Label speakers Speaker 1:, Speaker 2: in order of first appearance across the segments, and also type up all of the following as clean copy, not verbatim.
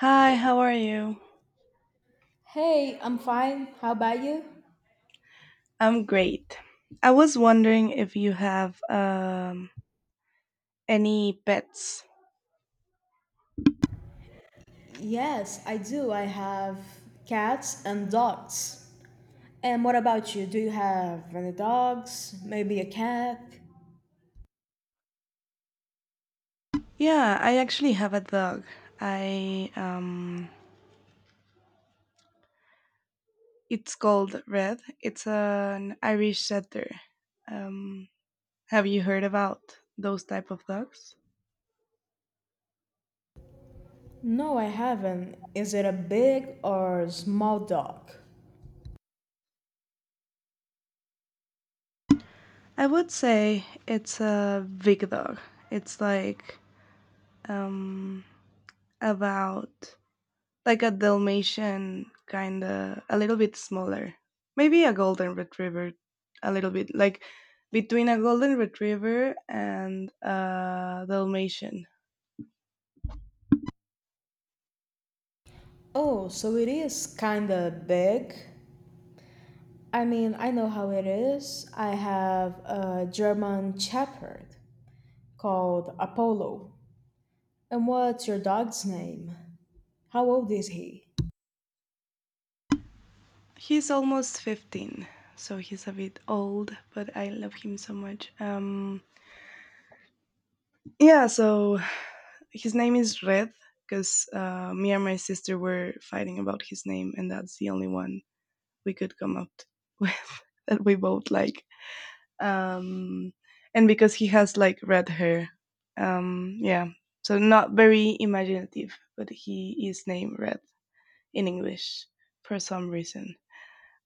Speaker 1: Hi, how are you?
Speaker 2: Hey, I'm fine. How about you?
Speaker 1: I'm great. I was wondering if you have any pets.
Speaker 2: Yes, I do. I have cats and dogs. And what about you? Do you have any dogs? Maybe a cat?
Speaker 1: Yeah, I actually have a dog. I It's called Red. It's an Irish setter. Um, have you heard about those type of dogs?
Speaker 2: No, I haven't. Is it a big or small dog?
Speaker 1: I would say it's a big dog. It's like um, about like a Dalmatian, kind of a little bit smaller. Maybe a golden retriever, a little bit like between a golden retriever and a Dalmatian.
Speaker 2: Oh, so it is kinda big. I mean, I know how it is. I have a German Shepherd called Apollo. And what's your dog's name? How old is he?
Speaker 1: He's almost 15, so he's a bit old, but I love him so much. Yeah, so his name is Red because me and my sister were fighting about his name, and that's the only one we could with that we both like. um, and because he has like red hair. Yeah, so not very imaginative, but he is named Red in English for some reason.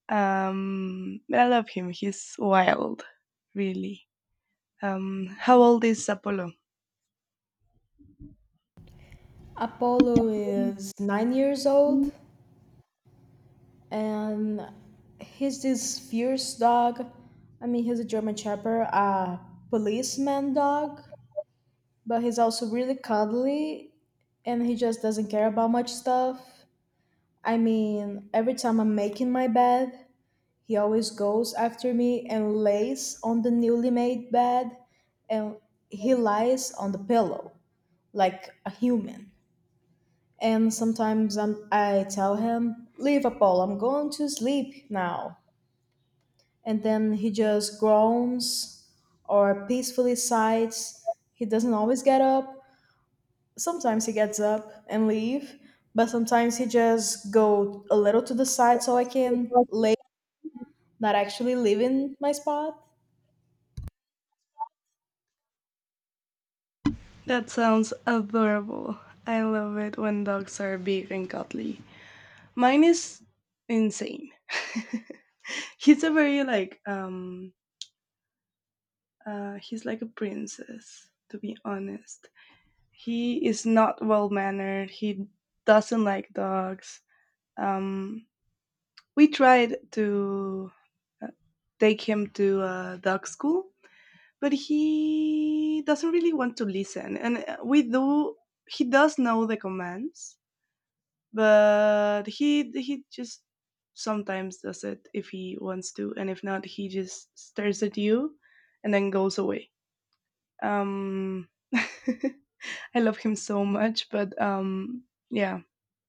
Speaker 1: But I love him. He's wild, really. How old is Apollo?
Speaker 2: Apollo is 9 years old and he's this fierce dog. I mean, he's a German Shepherd, a policeman dog, but he's also really cuddly and he just doesn't care about much stuff. I mean, every time I'm making my bed, he always goes after me and lays on the newly made bed and he lies on the pillow like a human. And sometimes I tell him, Liverpool, I'm going to sleep now. And then he just groans or peacefully sighs. He doesn't always get up. Sometimes he gets up and leave, but sometimes he just go a little to the side so I can lay, not actually leaving my spot.
Speaker 1: That sounds adorable. I love it when dogs are big and cuddly. Mine is insane. He's a very He's like a princess, to be honest. He is not well mannered. He doesn't like dogs. Um, we tried to uh, take him to dog school, but he doesn't really want to listen. And we do. He does know the commands, but he just sometimes does it if he wants to, and if not, he just stares at you and then goes away. Um, I love him so much, but yeah,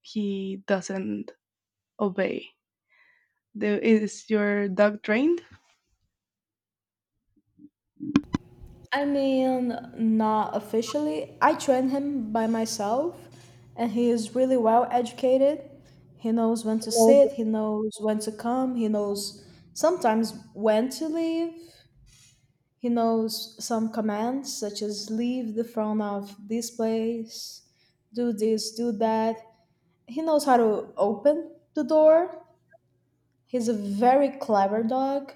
Speaker 1: he doesn't obey. Is your dog trained?
Speaker 2: I mean, not officially. I train him by myself, and he is really well educated. He knows when to
Speaker 1: Yes.
Speaker 2: sit, he knows when to come, he knows sometimes when to leave. He knows some commands, such as leave the front of this place, do this, do that. He knows how to open the door. He's a very clever dog.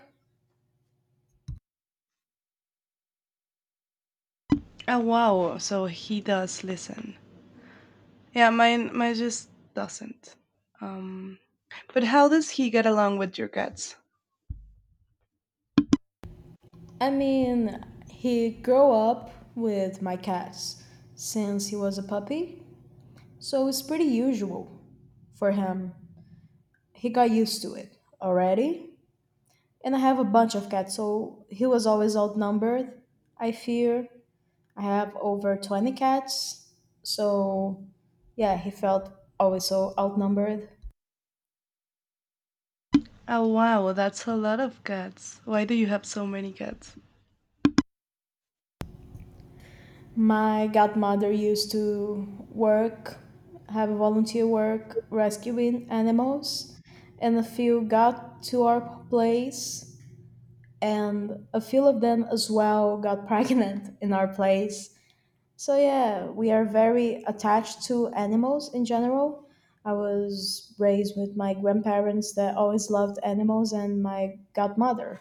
Speaker 1: Oh wow! So he does listen. Yeah, mine just doesn't. Um, but how does he get along with your cats?
Speaker 2: I mean, he grew up with my cats since he was a puppy, so it's pretty usual for him. He got used to it already. And I have a bunch of cats, so he was always outnumbered, I fear. I have over 20 cats, so yeah, he felt always so outnumbered.
Speaker 1: Oh wow, that's a lot of cats. Why do you have so many cats?
Speaker 2: My godmother used to work, have volunteer work rescuing animals, and a few got to our place, and a few of them as well got pregnant in our place. So, yeah, we are very attached to animals in general. I was raised with my grandparents that always loved animals and my godmother.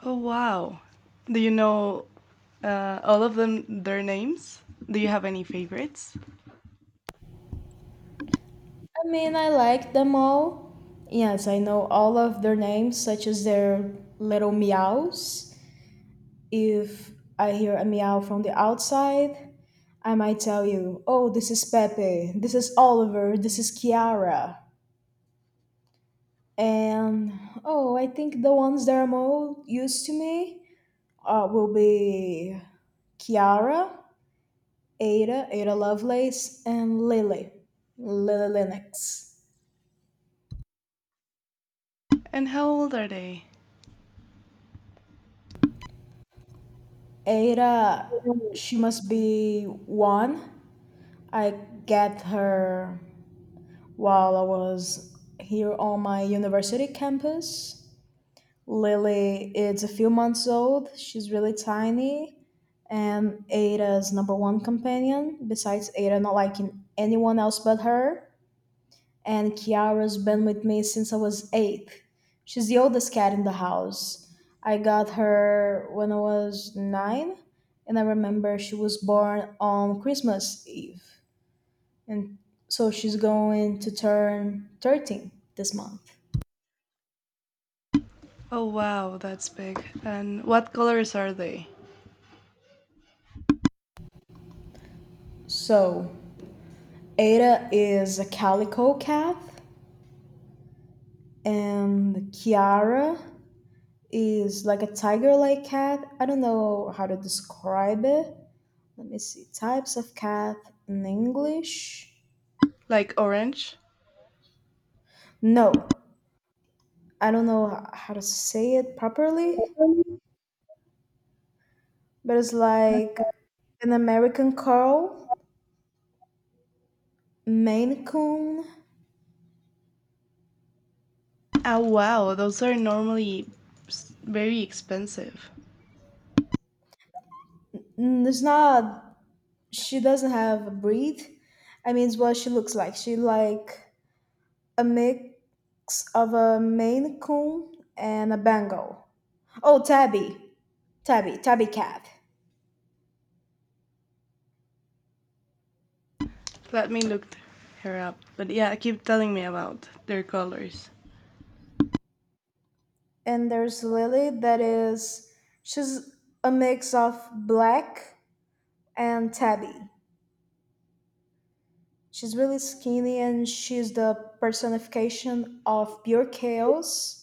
Speaker 1: Oh wow! Do you know all of them their names? Do you have any favorites?
Speaker 2: I mean, I like them all. Yes, I know all of their names, such as their little meows. If I hear a meow from the outside, I might tell you, oh, this is Pepe, this is Oliver, this is Kiara. And oh, I think the ones that are more used to me will be Kiara, Ada, Ada Lovelace, and Lily, Lily Linux.
Speaker 1: And how old are they?
Speaker 2: Ada, she must be one. I get her while I was here on my university campus. Lily is a few months old. She's really tiny. And Ada's number one companion, besides Ada not liking anyone else but her, and Kiara's been with me since I was eight. She's the oldest cat in the house. I got her when I was nine, and I remember she was born on Christmas Eve. And so she's going to turn 13 this month.
Speaker 1: Oh wow, that's big. And what colors are they?
Speaker 2: So Ada is a calico cat, and Kiara is like a tiger like cat. I don't know how to describe it. Let me see types of cat in English.
Speaker 1: Like orange?
Speaker 2: No, I don't know how to say it properly, but it's like an American curl, Maine coon.
Speaker 1: Oh wow, those are normally very expensive.
Speaker 2: Mm, it's not, she doesn't have a breed. I mean, it's what she looks like. She like a mix of a Maine coon and a bengal. Oh, tabby, tabby cat.
Speaker 1: Let me look her up. But yeah, keep telling me about their colors.
Speaker 2: And there's Lily that is, she's a mix of black and tabby. She's really skinny and she's the personification of pure chaos.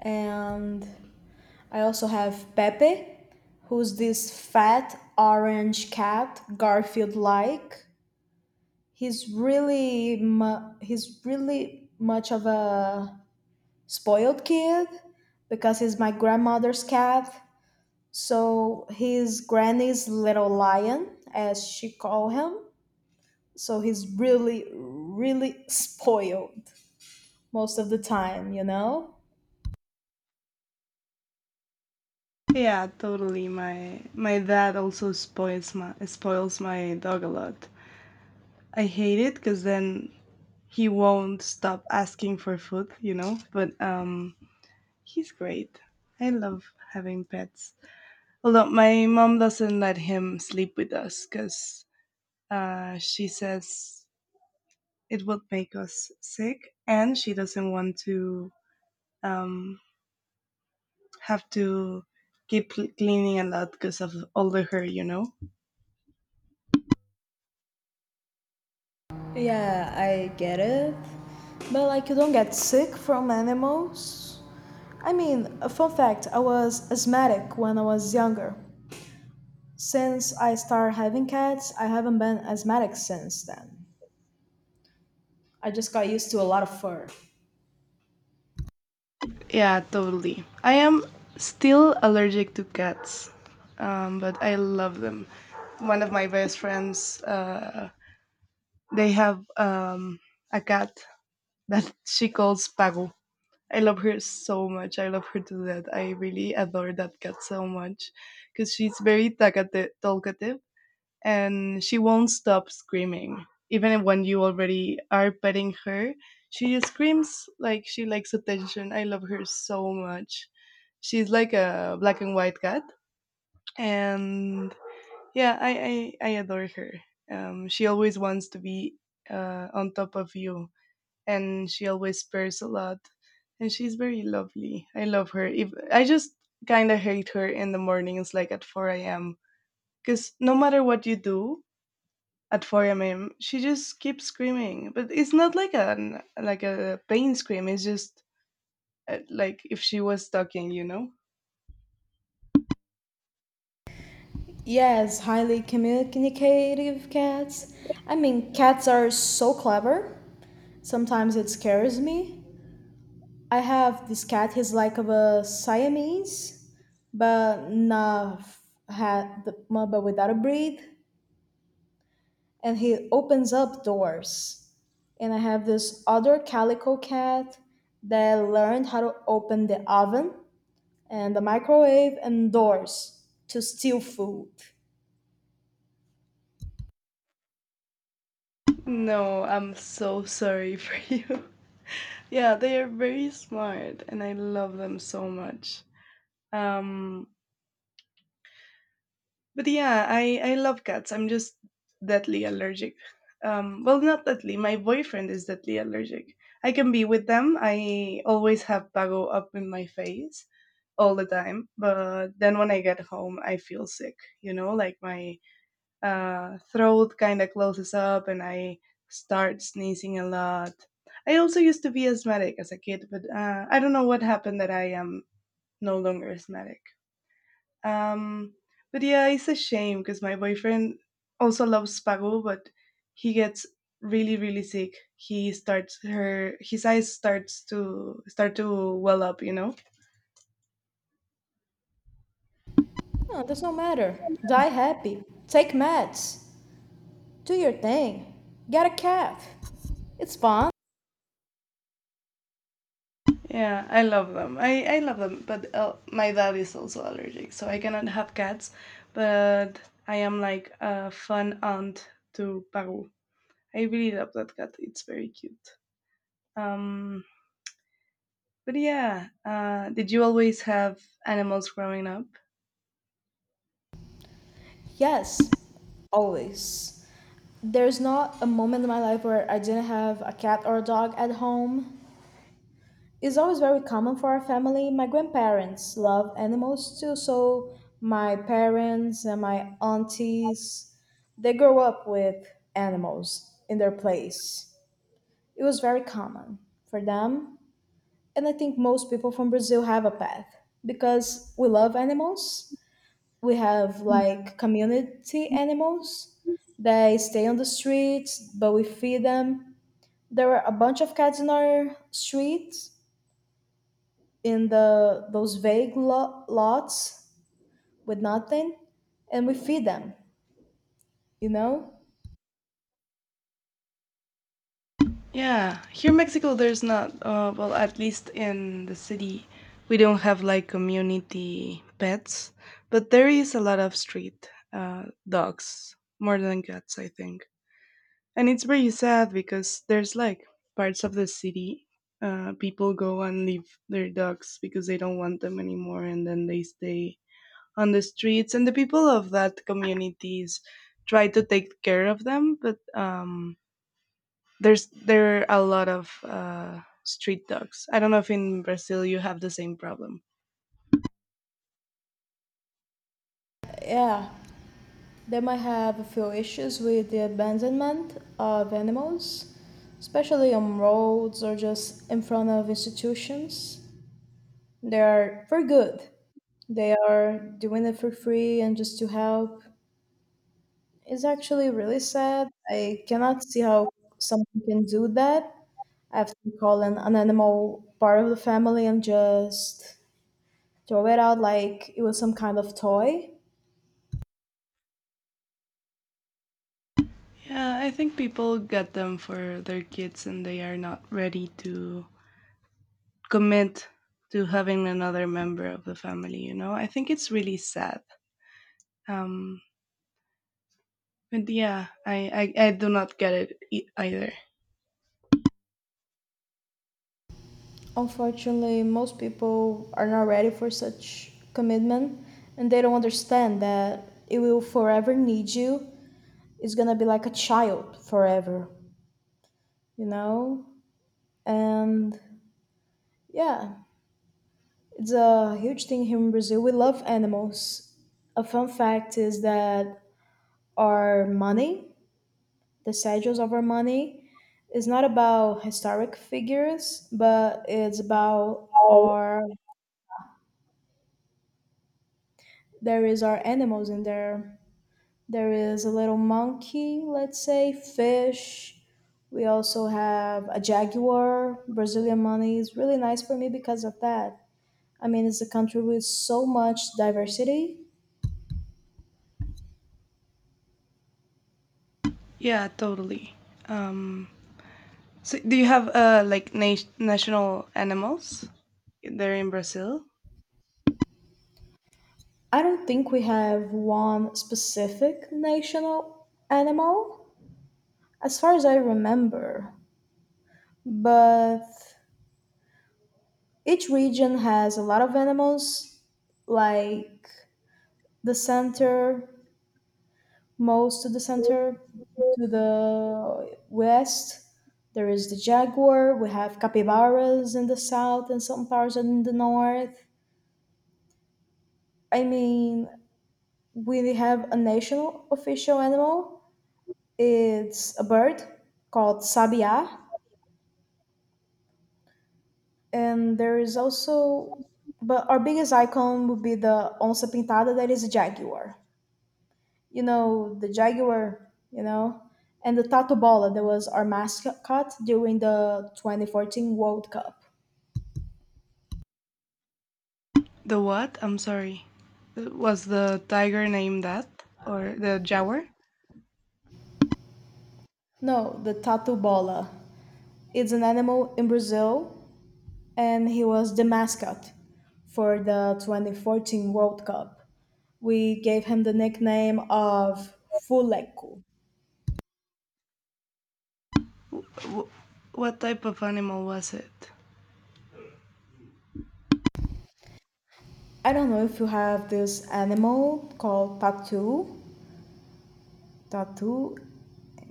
Speaker 2: And I also have Pepe, who's this fat orange cat, Garfield like. He's really much of a spoiled kid because he's my grandmother's cat. So he's Granny's little lion, as she called him. So he's really, really spoiled most of the time, you know?
Speaker 1: Yeah, totally. My dad also spoils my dog a lot. I hate it because then he won't stop asking for food. But he's great. I love having pets. Although my mom doesn't let him sleep with us because she says it would make us sick, and she doesn't want to um, have to keep cleaning a lot because of all the hair.
Speaker 2: Yeah, I get it. But like, you don't get sick from animals. I mean, a fun fact, I was asthmatic when I was younger. Since I started having cats, I haven't been asthmatic since then. I just got used to a lot of fur.
Speaker 1: Yeah, totally. I am still allergic to cats, but I love them. One of my best friends, they have a cat that she calls Pago. I love her so much. I love her to death. I really adore that cat so much because she's very talkative and she won't stop screaming. Even when you already are petting her, she just screams like she likes attention. I love her so much. She's like a black and white cat. And yeah, I adore her. She always wants to be on top of you and she always purrs a lot and she's very lovely. I love her. If I just kind of hate her in the mornings, like at 4 a.m, because no matter what you do at 4 a.m she just keeps screaming. But it's not like a like a pain scream. It's just like if she was talking,
Speaker 2: Yes, highly communicative cats. I mean, cats are so clever. Sometimes it scares me. I have this cat, he's like of a Siamese, but not had but without a breed, and he opens up doors. And I have this other calico cat that learned how to open the oven and the microwave and doors to steal food.
Speaker 1: no I'm so sorry for you. Yeah, they are very smart and I love them so much. um But yeah, I love cats. I'm just deathly allergic. Well, not deathly. My boyfriend is deathly allergic. I can be with them. I always have Pago up in my face all the time. But then when I get home, I feel sick. You know, like my throat kind of closes up, and I start sneezing a lot. I also used to be asthmatic as a kid, but I don't know what happened that I am no longer asthmatic. Um, but yeah, it's a shame because my boyfriend also loves Spago, but he gets really, really sick. He starts her His eyes start to well up,
Speaker 2: No, it does not matter. Die happy. Take meds. Do your thing. Get a cab. It's fun.
Speaker 1: Yeah, I love them. I love them, but my dad is also allergic, so I cannot have cats. But I am like a fun aunt to Paru. I really love that cat. It's very cute. Um, but yeah, did you always have animals growing up?
Speaker 2: Yes, always. There's not a moment in my life where I didn't have a cat or a dog at home. It's always very common for our family. My grandparents love animals too, so my parents and my aunties, they grow up with animals in their place. It was very common for them. And I think most people from Brazil have a path because we love animals. We have like community animals. They stay on the streets, but we feed them. There were a bunch of cats in our streets, in the those vague lots with nothing, and we feed them. You know?
Speaker 1: Yeah, here in Mexico, there's not, well, at least in the city, we don't have like community pets, but there is a lot of street dogs more than cats, I think. And it's very sad because there's like parts of the city, people go and leave their dogs because they don't want them anymore, and then they stay on the streets. And the people of that communities try to take care of them, but there are a lot of street dogs. I don't know if in Brazil you have the same problem.
Speaker 2: Yeah. They might have a few issues with the abandonment of animals, especially on roads or just in front of institutions. They are for good. They are doing it for free and just to help. It's actually really sad. I cannot see how someone can do that after calling an animal part of the family and just throw it out like it was some kind of toy.
Speaker 1: Yeah, I think people get them for their kids and they are not ready to commit to having another member of the family. You know, I think it's really sad. Um, but yeah, I do not get it either.
Speaker 2: Unfortunately, most people are not ready for such commitment and they don't understand that it will forever need you. It's gonna be like a child forever, you know? And yeah, it's a huge thing here in Brazil. We love animals. A fun fact is that our money, the schedules of our money, is not about historic figures, but it's about our, there is our animals in there. There is a little monkey, let's say, fish. We also have a jaguar. Brazilian money is really nice for me because of that. I mean, it's a country with so much diversity.
Speaker 1: Yeah, totally. Um, so do you have like national animals there in Brazil?
Speaker 2: I don't think we have one specific national animal, as far as I remember. But each region has a lot of animals, like the center, most to the center to the west, there is the jaguar. We have capybaras in the south and some parts in the north. I mean, we have a national official animal. It's a bird called sabia. And there is also, but our biggest icon would be the onça pintada, that is a jaguar. You know, the Jaguar, you know, and the Tato Bola that was our mascot during the 2014 World Cup.
Speaker 1: The what? I'm sorry. Was the tiger named that? Or the jaguar?
Speaker 2: No, the Tato Bola. It's an animal in Brazil, and he was the mascot for the 2014 World Cup. We gave him the nickname of Fuleco.
Speaker 1: W- what type of animal was it?
Speaker 2: I don't know if you have this animal called tatu. Tatu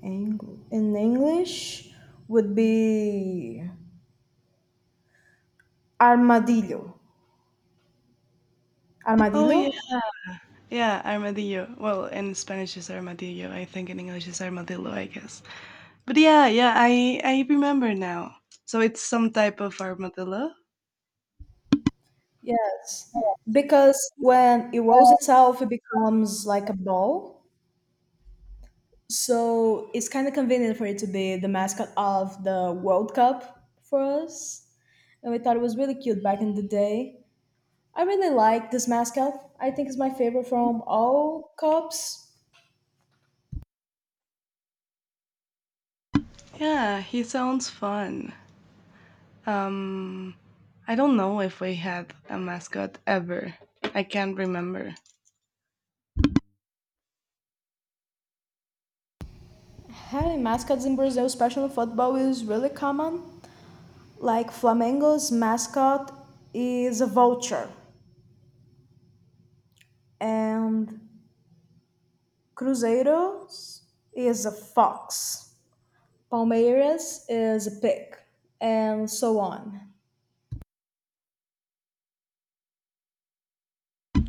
Speaker 2: In English would be Armadillo.
Speaker 1: Oh,
Speaker 2: Armadillo?
Speaker 1: yeah. Yeah, armadillo. Well, in Spanish is armadillo. I think in English is armadillo, I guess. But yeah, yeah, I remember now. So it's some type of armadillo?
Speaker 2: Yes. Because when it rolls itself, it becomes like a ball. So it's kind of convenient for it to be the mascot of the World Cup for us. And we thought it was really cute back in the day. I really like this mascot. I think it's my favorite from all cups.
Speaker 1: Yeah, he sounds fun. Um, I don't know if we had a mascot ever. I can't remember.
Speaker 2: Having mascots in Brazil, especially in football, is really common. Like Flamengo's mascot is a vulture. And Cruzeiros is a fox, Palmeiras is a pig, and so on.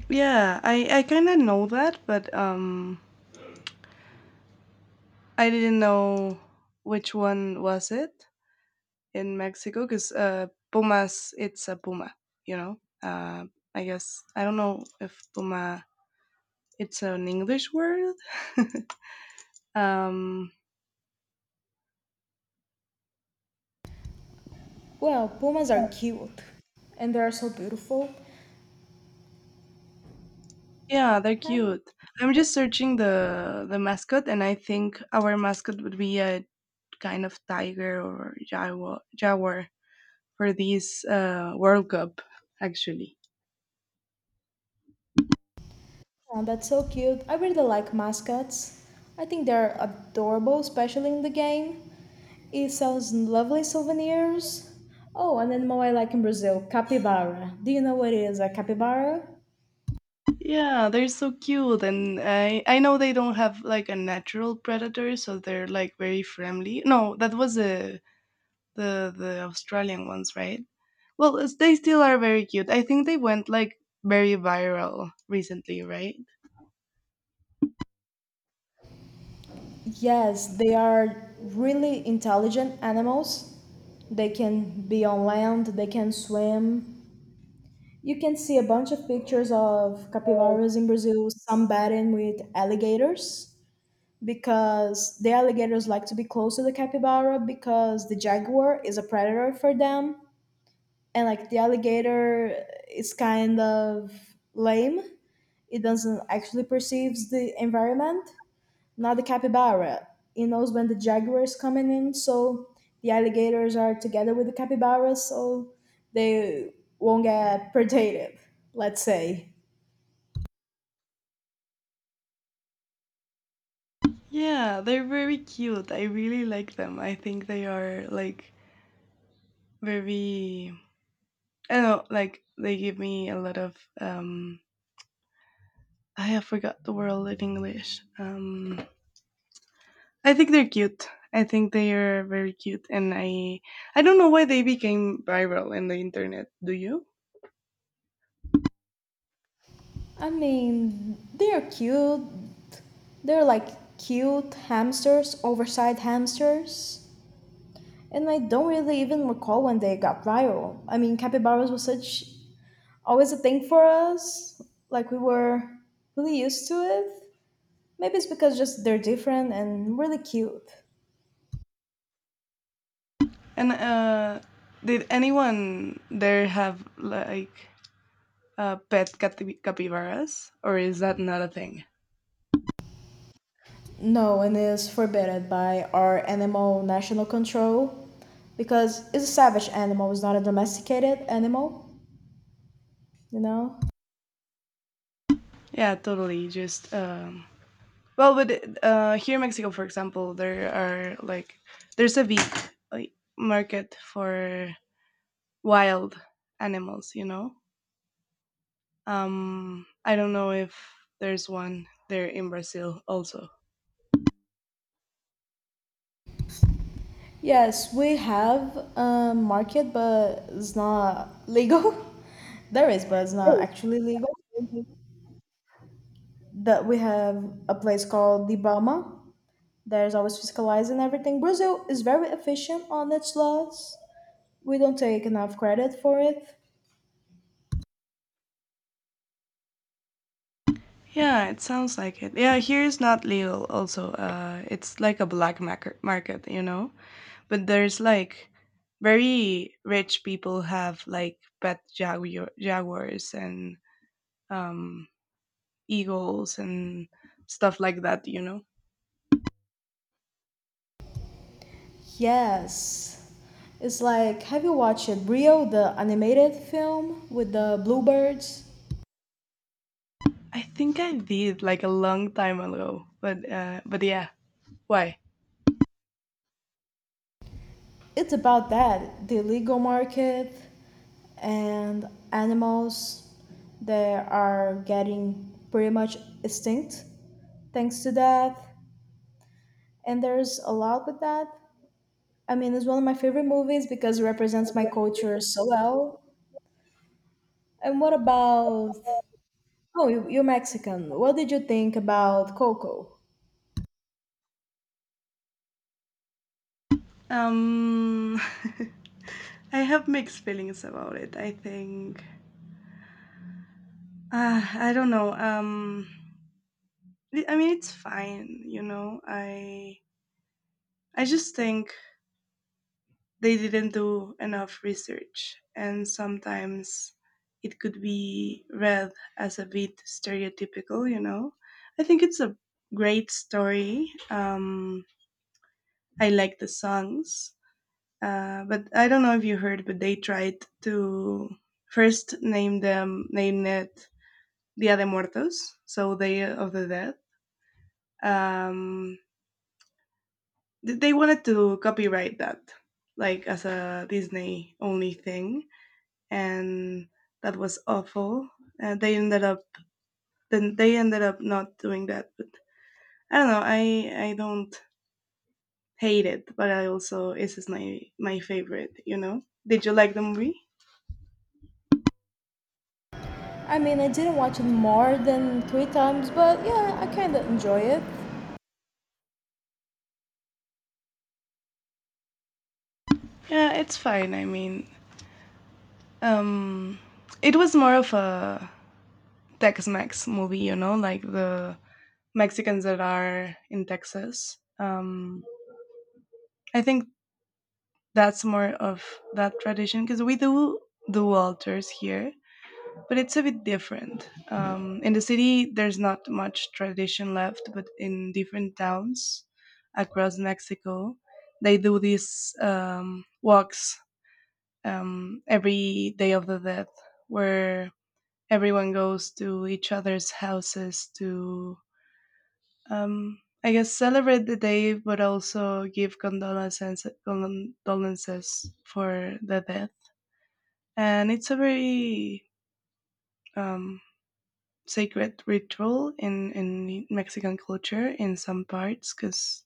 Speaker 1: Yeah, I kind of know that, but I didn't know which one was it in Mexico because Pumas, it's a Puma, you know. Uh, I guess I don't know if Puma it's an English word. um,
Speaker 2: Well, pumas are cute, and they are so beautiful.
Speaker 1: yeah, they're
Speaker 2: Have-
Speaker 1: cute. I'm just searching the mascot, and I think our mascot would be a kind of tiger or jaguar for this World Cup, actually.
Speaker 2: oh, that's so cute. I really like mascots. I think they're adorable, especially in the game. It sells lovely souvenirs. Oh, an animal I like in Brazil, capybara. Do you know what is a capybara?
Speaker 1: Yeah, they're so cute, and I know they don't have like a natural predator, so they're like very friendly. No, that was the the Australian ones, right? Well, it's- they still are very cute. I think they went like very viral recently, right?
Speaker 2: Yes, they are really intelligent animals. They can be on land, they can swim. You can see a bunch of pictures of capybaras in Brazil, some batting with alligators because the alligators like to be close to the capybara because the jaguar is a predator for them. And like the alligator is kind of lame, it doesn't actually perceives the environment, not the capybara. It knows when the jaguar is coming in, so the alligators are together with the capybaras, so they won't get predated, let's say.
Speaker 1: Yeah, they're very cute. I really like them. I think they are like very. I don't know, like they give me a lot of I have forgot the word in English. I think they're cute. I think they are very cute, and I don't know why they became viral in the internet. Do you?
Speaker 2: I mean, they're cute. They're like cute hamsters, oversized hamsters. And I don't really even recall when they got viral. I mean, capybaras was such always a thing for us. Like we were really used to it. Maybe it's because just they're different and really cute.
Speaker 1: And did anyone there have like pet capybaras, or is that not a thing?
Speaker 2: No, and is forbidden by our animal national control because it's a savage animal, it's not a domesticated animal, you know?
Speaker 1: Yeah, totally. Just well, but here in Mexico, for example, there are like there's a big like, market for wild animals. You know, I don't know if there's one there in Brazil also.
Speaker 2: Yes, we have a market, but it's not legal. There is, but it's not actually legal. That we have a place called the Bama. There's always fiscalizing everything. Brazil is very efficient on its laws. We don't take enough credit for it.
Speaker 1: Yeah, it sounds like it. Yeah, here is not legal. Also, it's like a black market, you know. But there's like very rich people have like pet jaguars and um eagles and stuff like that.
Speaker 2: Yes. It's like, have you watched Rio, the animated film with the bluebirds?
Speaker 1: I think I did, like, a long time ago, but yeah, why?
Speaker 2: It's about that the illegal market and animals that are getting pretty much extinct thanks to that. And there's a lot with that. I mean, it's one of my favorite movies because it represents my culture so well. And what about, oh, you're Mexican. What did you think about Coco?
Speaker 1: um I have mixed feelings about it. I think I don't know. I mean it's fine, you know. I just think they didn't do enough research, and sometimes it could be read as a bit stereotypical, you know. I think it's a great story. I like the songs, but I don't know if you heard, but they tried to first name it Dia de Muertos, so Day of the Dead. Um, they wanted to copyright that, like as a Disney only thing, and that was awful. And they ended up Then they ended up not doing that. But I don't know. I don't hate it, but I also this is my favorite. You know. Did you like the movie?
Speaker 2: I mean, I didn't watch it more than three times, but yeah, I kind of enjoy it.
Speaker 1: Yeah, it's fine. I mean, um, it was more of a Tex-Mex movie. You know, like the Mexicans that are in Texas. I think that's more of that tradition because we do do altars here but it's a bit different. In the city, there's not much tradition left, but in different towns across Mexico, they do these walks every day of the dead, where everyone goes to each other's houses to, I guess, celebrate the day, but also give condolences for the death. And it's a very um, sacred ritual in Mexican culture in some parts because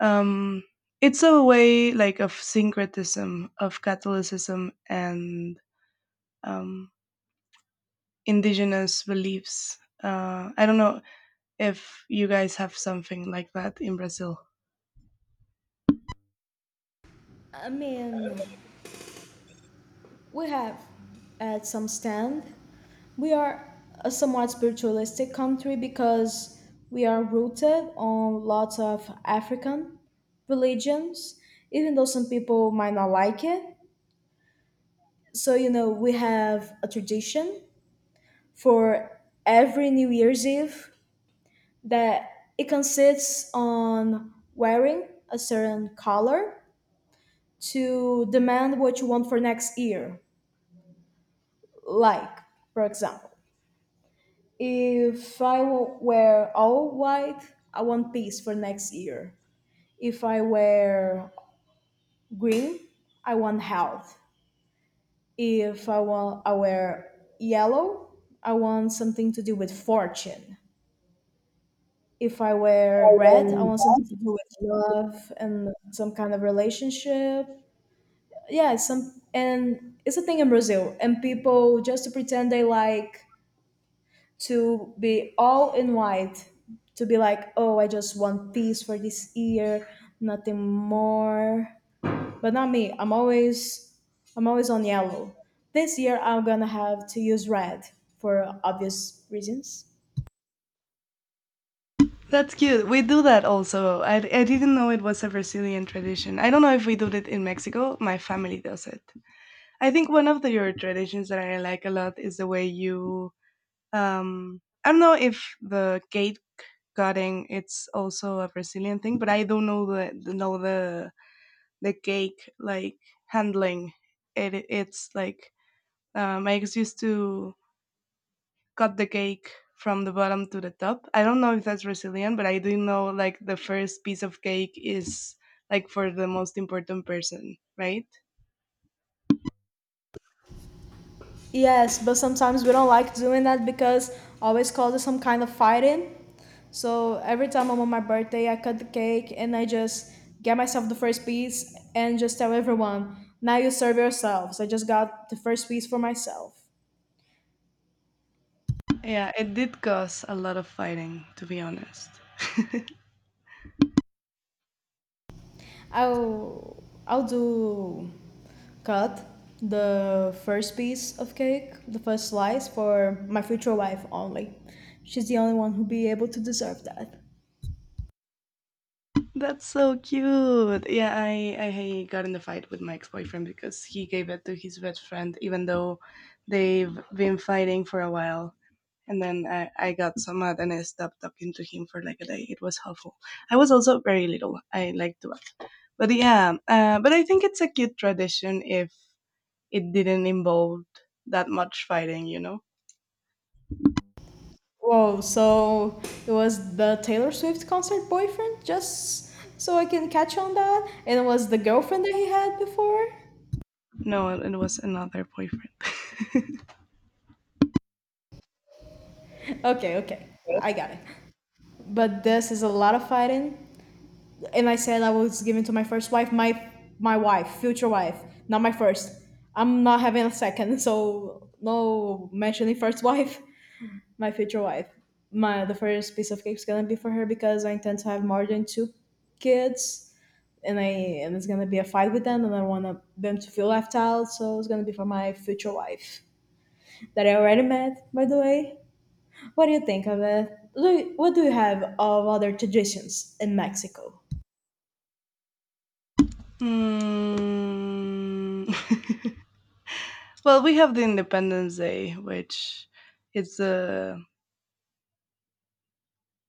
Speaker 1: um, it's a way like of syncretism of Catholicism and um, indigenous beliefs. I don't know if you guys have something like that in Brazil.
Speaker 2: I mean, we have at some stand, we are a somewhat spiritualistic country because we are rooted on lots of African religions, even though some people might not like it. So, you know, we have a tradition for every New Year's Eve that it consists on wearing a certain color to demand what you want for next year. Like, for example, if I wear all white, I want peace for next year. If I wear green, I want health. If I wear yellow, I want something to do with fortune. If I wear red, I want something to do with love and some kind of relationship. Yeah, it's some and it's a thing in Brazil, and people just to pretend they like to be all in white to be like, oh, I just want peace for this year, nothing more. But not me, I'm always, I'm always on yellow. This year I'm gonna have to use red for obvious reasons.
Speaker 1: That's cute. We do that also. I didn't know it was a Brazilian tradition. I don't know if we do it in Mexico. My family does it. I think one of the your traditions that I like a lot is the way you I don't know if the gate cutting, it's also a Brazilian thing, but I don't know the the cake, like, handling, it's like, I used to cut the cake from the bottom to the top. I don't know if that's Brazilian, but I do know, like, the first piece of cake is like for the most important person, right?
Speaker 2: Yes, but sometimes we don't like doing that because always causes some kind of fighting. So every time I'm on my birthday, I cut the cake and I just get myself the first piece and just tell everyone, now you serve yourselves. I just got the first piece for myself.
Speaker 1: Yeah, it did cause a lot of fighting, to be honest.
Speaker 2: I'll I'll do cut the first piece of cake, the first slice for my future wife only. She's the only one who be able to deserve that.
Speaker 1: That's so cute. Yeah, I got in a fight with my ex boyfriend because he gave it to his best friend, even though they've been fighting for a while. And then I got so mad and I stopped talking to him for like a day. It was awful. I was also very little. I like to, but yeah. But I think it's a cute tradition if it didn't involve that much fighting. You know?
Speaker 2: Whoa, so it was the Taylor Swift concert boyfriend, just so I can catch on that? And it was the girlfriend that he had before?
Speaker 1: No, it was another boyfriend.
Speaker 2: Okay, okay, I got it. But this is a lot of fighting. And I said I was given to my first wife, my future wife, not my first. I'm not having a second, so no mentioning first wife, my future wife. My the first piece of cake is gonna be for her because I intend to have more than two kids, and I and it's gonna be a fight with them, and I want them to feel left out. So it's gonna be for my future wife that I already met, by the way. What do you think of it? What do you have of other traditions in Mexico?
Speaker 1: Hmm. Well, we have the Independence Day, which it's a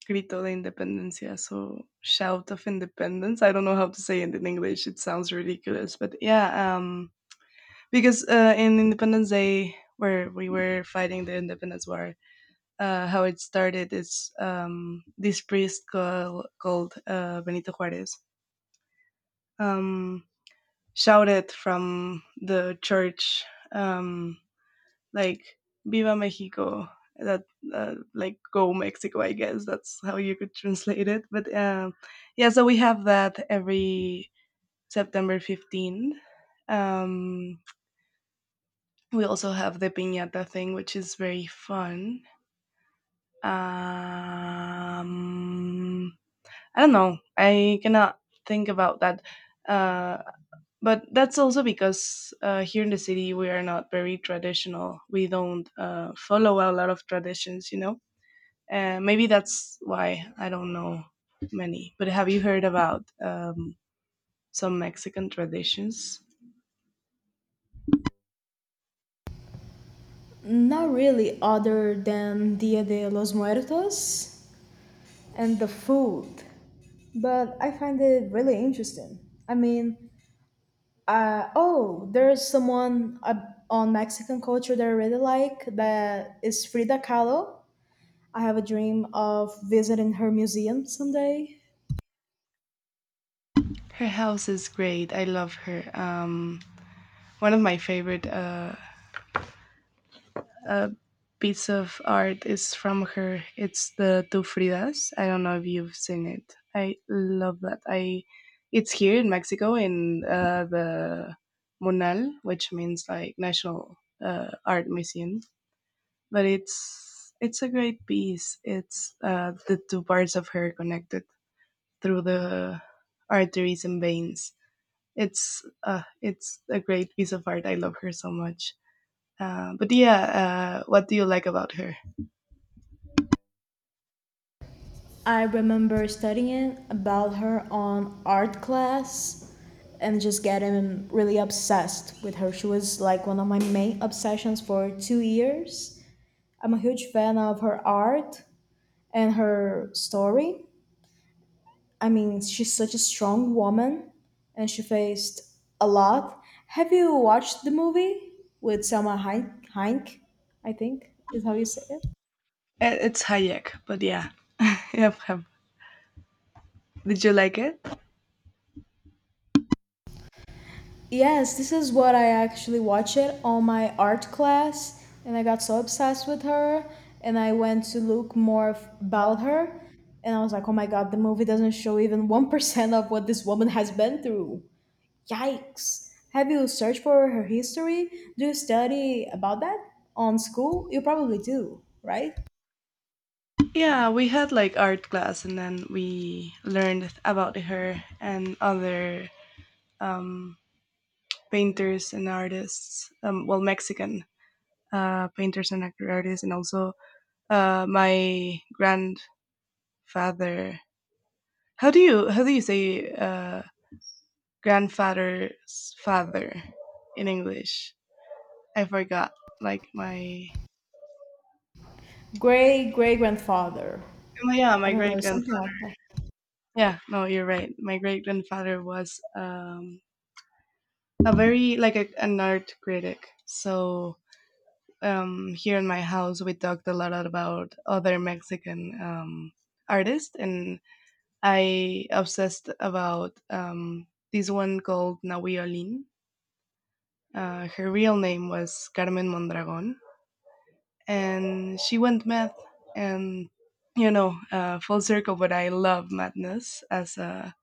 Speaker 1: Grito de Independencia, so shout of independence. I don't know how to say it in English. It sounds ridiculous, but yeah, because in Independence Day, where we were fighting the Independence War, how it started is, this priest called Benito Juarez um, shouted from the church, um, like, Viva Mexico. That, like, go Mexico, I guess that's how you could translate it. But yeah, so we have that every September 15th. Um, we also have the piñata thing, which is very fun. Um, I don't know. I cannot think about that. Uh, but that's also because, here in the city we are not very traditional. We don't, follow a lot of traditions, you know. And maybe that's why I don't know many. But have you heard about some Mexican traditions?
Speaker 2: Not really, other than Dia de los Muertos and the food, but I find it really interesting. I mean, oh, there's someone on Mexican culture that I really like that is Frida Kahlo. I have a dream of visiting her museum someday.
Speaker 1: Her house is great. I love her. One of my favorite uh, piece of art is from her. It's the Tu Fridas. I don't know if you've seen it. I love that. I It's here in Mexico in, the Monal, which means like National Art Museum, but it's a great piece. It's, the two parts of her connected through the arteries and veins. It's, it's a great piece of art. I love her so much. But yeah, what do you like about her?
Speaker 2: I remember studying about her on art class and just getting really obsessed with her. She was like one of my main obsessions for 2 years. I'm a huge fan of her art and her story. I mean, she's such a strong woman and she faced a lot. Have you watched the movie with Selma Hank? Hank, I think is how you say it.
Speaker 1: It's Hayek, but yeah, yep, yep. Did you like it?
Speaker 2: Yes, this is what I actually watched it on my art class, and I got so obsessed with her, and I went to look more about her, and I was like, oh my god, the movie doesn't show even 1% of what this woman has been through. Yikes. Have you searched for her history? Do you study about that on school? You probably do, right?
Speaker 1: Yeah, we had like art class, and then we learned about her and other um, painters and artists. Well, Mexican painters and artists, and also my grandfather. How do you say, grandfather's father in English? I forgot. Like my—
Speaker 2: Great great grandfather.
Speaker 1: Oh yeah,
Speaker 2: I
Speaker 1: my
Speaker 2: don't
Speaker 1: great
Speaker 2: know, something
Speaker 1: grandfather.
Speaker 2: like
Speaker 1: Yeah, no, you're right. My great grandfather was, a very like an art critic. So here in my house, we talked a lot about other Mexican, artists, and I obsessed about, this one called Nawi Olin. Her real name was Carmen Mondragon, and she went mad, and, you know, full circle. But I love madness as a—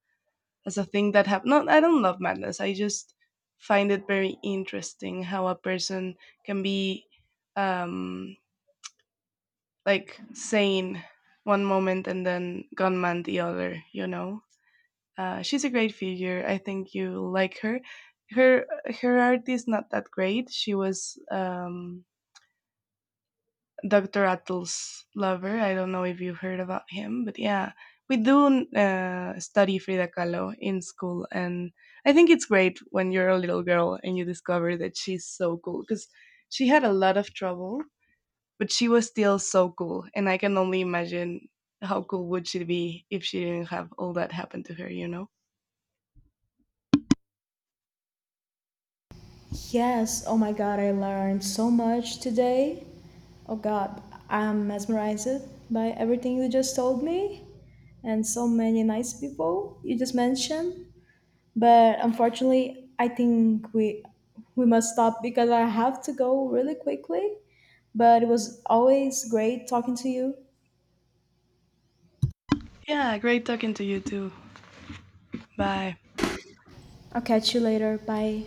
Speaker 1: as a thing that happened. No, I don't love madness. I just find it very interesting how a person can be, um, like, sane one moment and then gone mad the other, you know. She's a great figure. I think you like her. Her Her art is not that great. She was, Dr. Attle's lover. I don't know if you've heard about him, but yeah, we do, study Frida Kahlo in school, and I think it's great when you're a little girl and you discover that she's so cool because she had a lot of trouble, but she was still so cool, and I can only imagine how cool would she be if she didn't have all that happen to her, you know?
Speaker 2: yes, oh my god, I learned so much today. Oh god, I'm mesmerized by everything you just told me and so many nice people you just mentioned. But unfortunately, I think we must stop because I have to go really quickly. But it was always great talking to you.
Speaker 1: Yeah, great talking to you too. Bye.
Speaker 2: I'll catch you later. Bye.